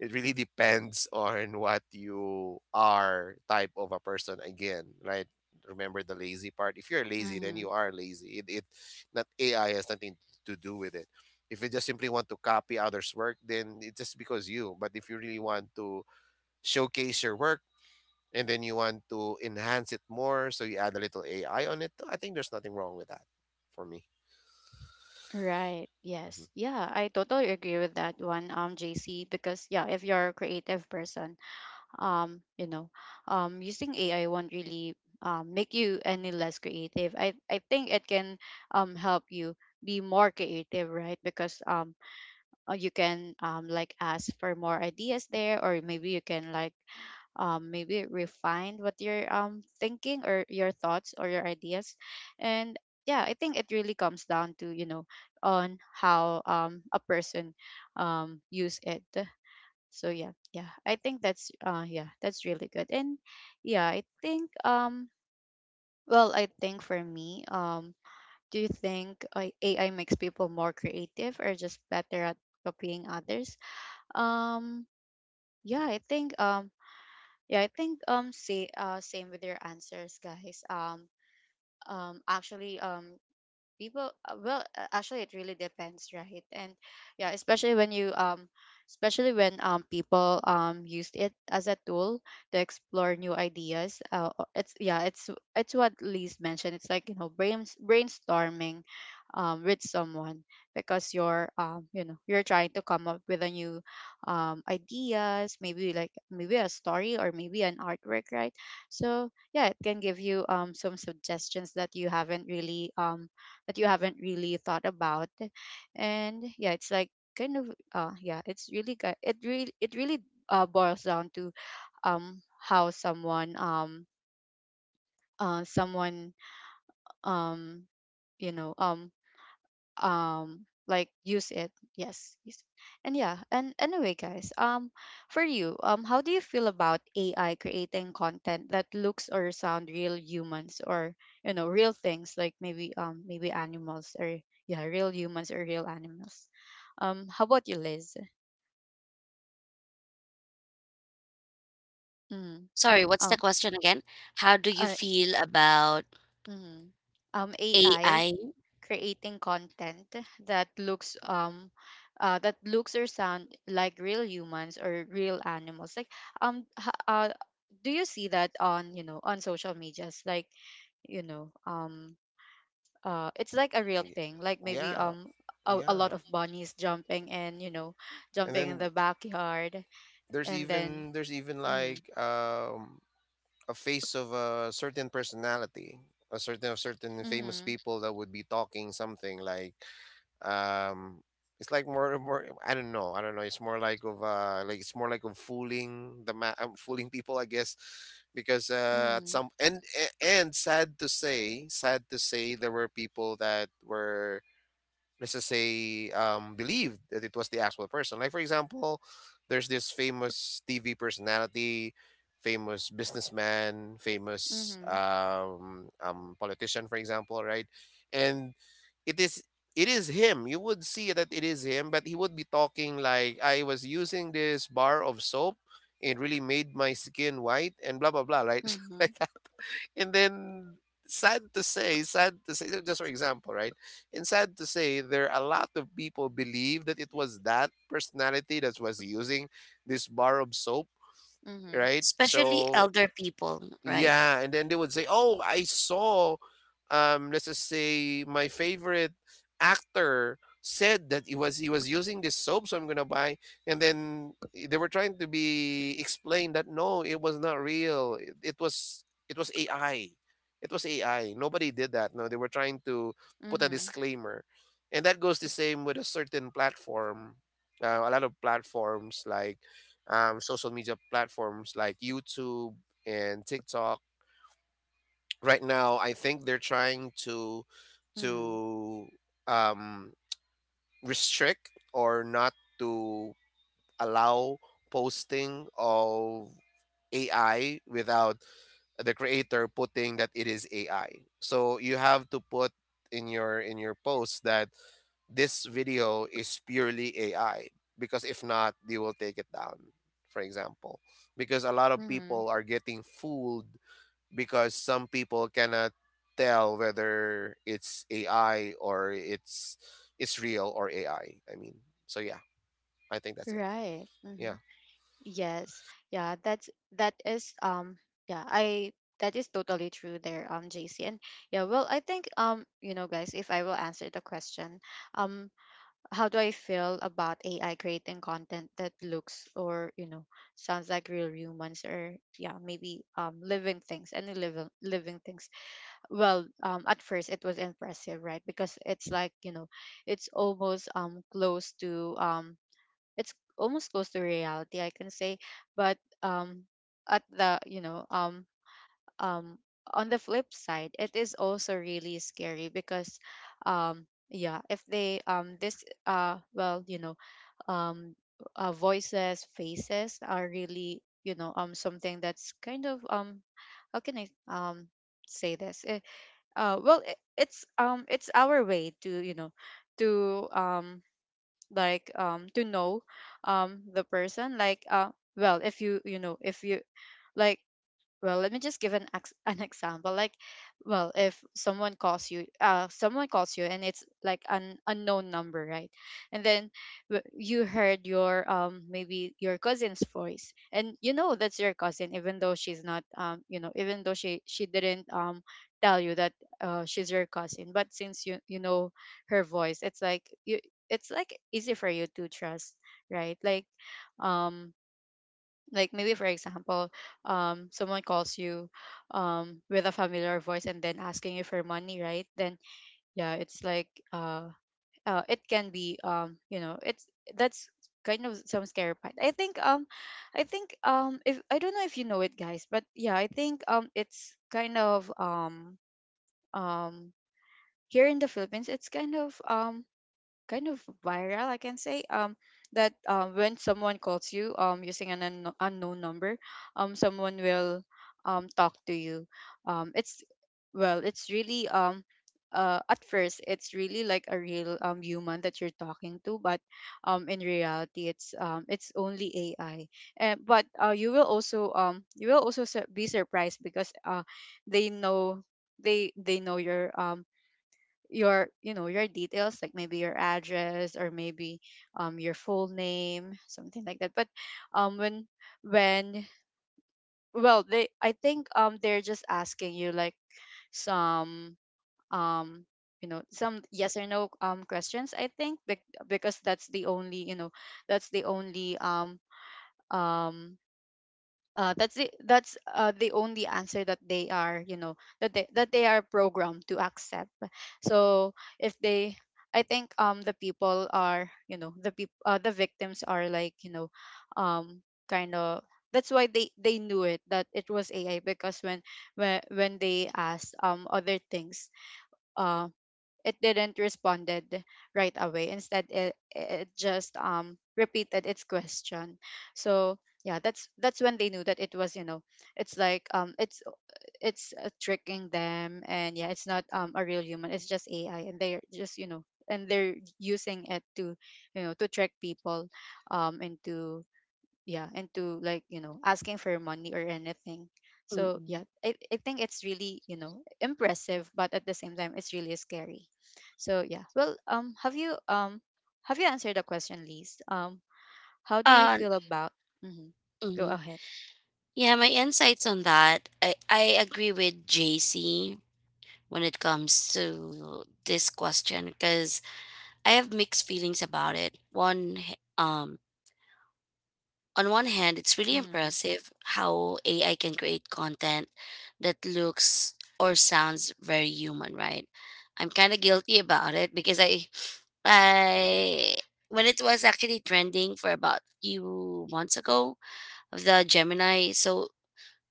It really depends on what you are, type of a person again, right? Remember the lazy part. If you're lazy, then you
Mhm.
are lazy. It, not AI, has nothing to do with it. If you just simply want to copy others' work, then it's just because you. But if you really want to showcase your work and then you want to enhance it more, so you add a little AI on it, I think there's nothing wrong with that for me.
Right.
Mhm.
Yes. Yeah, I totally agree with that one, JC, because yeah, if you're a creative person, um, you know, using AI won't really make you any less creative. I think it can help you be more creative, right? Because you can ask for more ideas there, or maybe you can, like, maybe refined what you're thinking, or your thoughts or your ideas. And yeah, I think it really comes down to, you know, on how a person use it. So yeah, yeah, I think that's that's really good. And yeah, I think I think for me, do you think AI makes people more creative or just better at copying others? um yeah i think um yeah, I think say same with your answers, guys. Actually People well actually it really depends, right? And yeah, especially when you especially when people used it as a tool to explore new ideas. It's what Liz mentioned, it's like, you know, brainstorming with someone, because you're you're trying to come up with a new ideas, maybe like maybe a story or maybe an artwork, right? So yeah, it can give you some suggestions that you haven't really thought about. And yeah, it's kind of yeah it's really good. It really boils down to how someone, someone um you know like use it, yes, use it. And yeah. And anyway, guys, for you, how do you feel about AI creating content that looks or sound real humans, or you know, real things, like maybe animals, or yeah, real humans or real animals? How about you, Liz? Mm.
Sorry, what's the
Oh.
question again? How do you
uh,
feel about
mm. AI
AI,
creating content that looks, that looks or sound like real humans or real animals, like, um h- uh, do you see that on, you know, on social medias, like, you know um it's like a real
Yeah.
thing, like maybe
Yeah,
a lot
yeah.
of bunnies jumping, and you know,
And
jumping in
then
the backyard.
there's
And then.
even there's even
Mhm.
like a face of a certain personality, a certain of certain famous
Mhm.
people that would be talking something like um it's like more. I don't know, it's more like of like it's more like of fooling the fooling people, I guess. Because at some, and sad to say, sad to say, there were people that were, let's just say, believed that it was the actual person. Like for example, there's this famous TV personality, famous businessman, famous
Mhm.
politician, for example, right? And it is, it is him. You would see that it is him, but he would be talking like, I was using this bar of soap. It really made my skin white and blah blah blah, right? Like,
Mhm.
and then sad to say, just for example, right? And sad to say, there are a lot of people believe that it was that personality that was using this bar of soap,
Mhm.
right?
especially
So
elder people, right?
yeah, and then they would say, "Oh, I saw, let's just say my favorite actor said that he was using this soap, so I'm gonna buy." And then they were trying to be explained that no, it was not real. It, was it was AI. It was AI. Nobody did that. No, they were trying to
Mhm.
put a
Mhm.
disclaimer, and that goes the same with a certain platform. A lot of platforms like social media platforms like YouTube and TikTok. Right now, I think they're trying
Mhm.
to um, restrict or not to allow posting of AI without the creator putting that it is AI. So you have to put in your post that this video is purely AI, because if not, they will take it down. For example, because a lot of
Mhm.
people are getting fooled because some people cannot tell whether it's AI or it's real or AI. I mean, so yeah, I think that's it.
Right. Mhm.
Yeah.
Yes. Yeah, that's that is yeah, I that is totally true there, JC. And yeah, well, I think, you know, guys, if I will answer the question, um, how do I feel about AI creating content that looks, or you know, sounds like real humans, or yeah, maybe living things, any living things. Well, at first it was impressive, right? Because it's like, you know, it's almost close to it's almost close to reality, I can say. But at the you know um on the flip side, it is also really scary because, um yeah, if they this well you know um voices, faces are really, you know, something that's kind of how can I say this? Eh, it, it's our way to, you know, to to know the person, like if you, you know, if you, like, well, let me just give an an example. Like, well, if someone calls you, and it's like an unknown number, right? And then you heard your, maybe your cousin's voice, and you know that's your cousin, even though she's not, even though she didn't tell you that she's your cousin. But since you know, her voice, it's like easy for you to trust, right? Um like maybe for example, someone calls you with a familiar voice and then asking you for money, right? Then yeah, it's like, it can be you know it's that's kind of some scary part, I think. If I don't know if you know it, guys, but yeah, I think it's kind of um here in the Philippines, it's kind of viral, I can say. That, when someone calls you using an unknown number, someone will talk to you. It's Well, it's really at first, it's really like a real human that you're talking to. But in reality, it's only AI. And but you will also, you will also be surprised, because they know, they know your your details, like maybe your address, or maybe your full name, something like that. But um when when well, they, I think, they're just asking you like some, um you know, some yes or no questions, I think, because that's the only, you know, that's the only um um that's the only answer that they are, you know, that they, that they are programmed to accept. So if they, I think the people are, you know, the people, the victims are, like, you know, um kind of, that's why they knew it, that it was AI, because when, they asked other things, uh, it didn't responded right away. Instead, it just repeated its question. So yeah, that's when they knew that it was, you know, it's like it's tricking them. And yeah, it's not a real human, it's just AI, and they're just, you know, and they're using it to, you know, to trick people into, yeah, and to, like, you know, asking for money or anything. So
Mm-mm.
yeah, I think it's really, you know, impressive, but at the same time, it's really scary. So yeah, have you, have you answered the question, Liz? How do you
Uh,
feel about? Mm-hmm. Go
mhm.
ahead.
Yeah, my insights on that, I agree with JC when it comes to this question because I have mixed feelings about it. On one hand, it's really
Mm-hmm.
impressive how AI can create content that looks or sounds very human, right? I'm kind of guilty about it because I when it was actually trending for about few months ago of the Gemini. So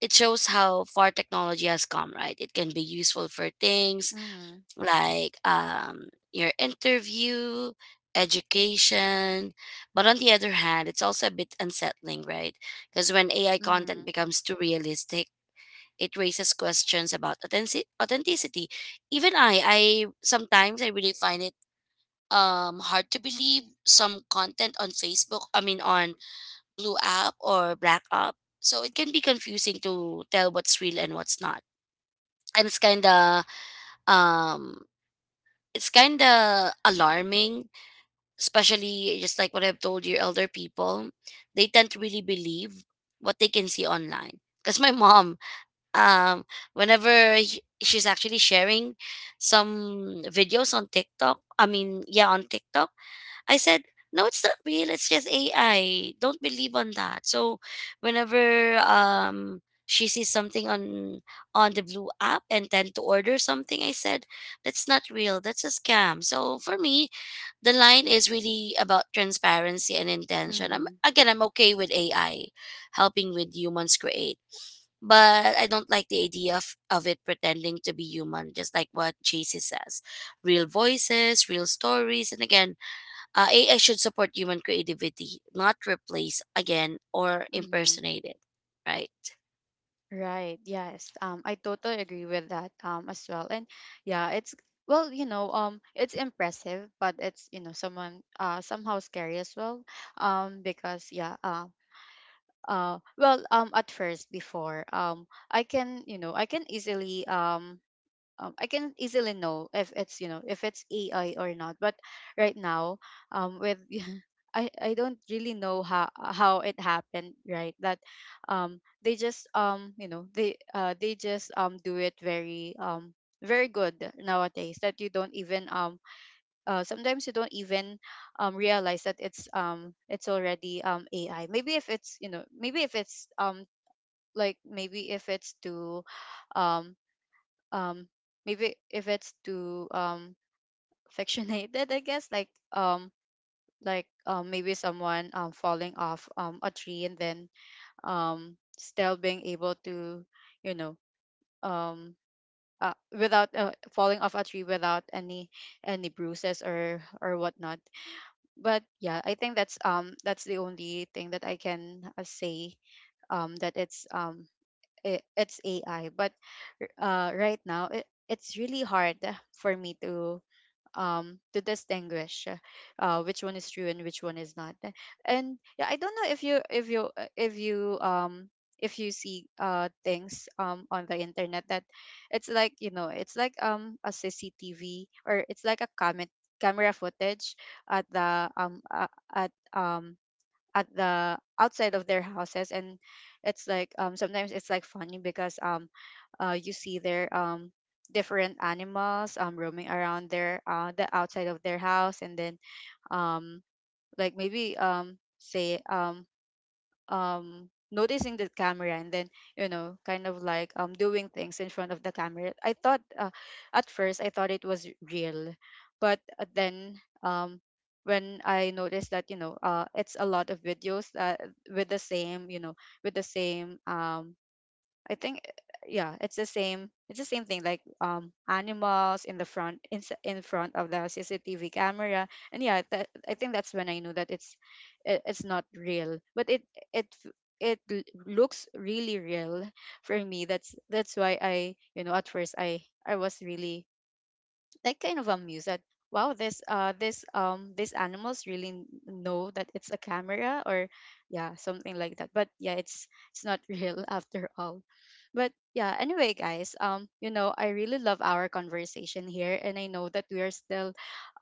it shows how far technology has come, right? It can be useful for things
Mm-hmm.
like your interview, education. But on the other hand, it's also a bit unsettling, right? Because when AI content
Mm-hmm.
becomes too realistic, it raises questions about authenticity. Even I sometimes I really find it hard to believe some content on Facebook, I mean on blue app or black app, so it can be confusing to tell what's real and what's not, and um it's kind of alarming, especially just like what I've told you, elder people they tend to really believe what they can see online, because my mom um whenever she's actually sharing some videos on TikTok, I mean yeah on TikTok, I said, "No, it's not real. It's just AI. Don't believe on that." So, whenever she sees something on the blue app and tend to order something, I said, "That's not real. That's a scam." So for me, the line is really about transparency and intention. I'm
Mm-hmm.
again, I'm okay with AI helping with humans create, but I don't like the idea of it pretending to be human, just like what JC says. Real voices, real stories, and again, AI should support human creativity, not replace again or
Mm-hmm.
impersonate it, right?
Right. Yes. I totally agree with that as well. And yeah, it's, well, you know, it's impressive, but it's, you know, someone, somehow scary as well. Because yeah, at first before, I can, you know, I can easily know if it's, you know, if it's AI or not. But right now, with I don't really know how it happened, right? That they just, they just do it very very good nowadays, that you don't even, sometimes you don't even realize that it's already AI. Maybe if it's, you know, maybe if it's maybe if it's to, um um maybe if it's too fictionated, I guess, like maybe someone falling off a tree, and then still being able to, you know, um uh, without falling off a tree without any bruises or whatnot. But yeah, I think that's the only thing that I can say that it's it's AI. But right now, it's really hard for me to distinguish which one is true and which one is not. And yeah, I don't know if you, if you see things on the internet that it's like, you know, it's like a CCTV, or it's like a comment camera footage, at the at um at the outside of their houses. And it's like sometimes it's like funny, because you see their different animals roaming around their, the outside of their house, and then um maybe, say noticing the camera, and then, you know, kind of like, doing things in front of the camera. I thought, at first I thought it was real. But then, um when I noticed that, you know, it's a lot of videos that with the same, you know, with the same, I think, yeah, it's the same. It's the same thing, like, animals in the front, in front of the CCTV camera. And yeah, that, I think that's when I knew that it's not real. But it f- it looks really real for me. That's why I, you know, at first I was really, like, kind of amused that wow, this, these animals really know that it's a camera, or yeah, something like that. But yeah, it's not real after all. But yeah, anyway, guys, you know, I really love our conversation here, and I know that we are still,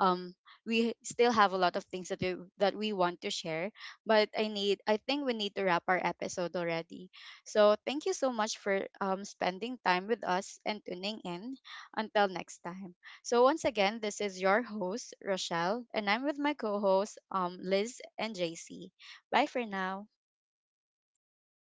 um we still have a lot of things that we, that we want to share. But I think we need to wrap our episode already. So thank you so much for spending time with us and tuning in. Until next time. So once again, this is your host Rochelle, and I'm with my co-hosts, Liz and JC. Bye for now.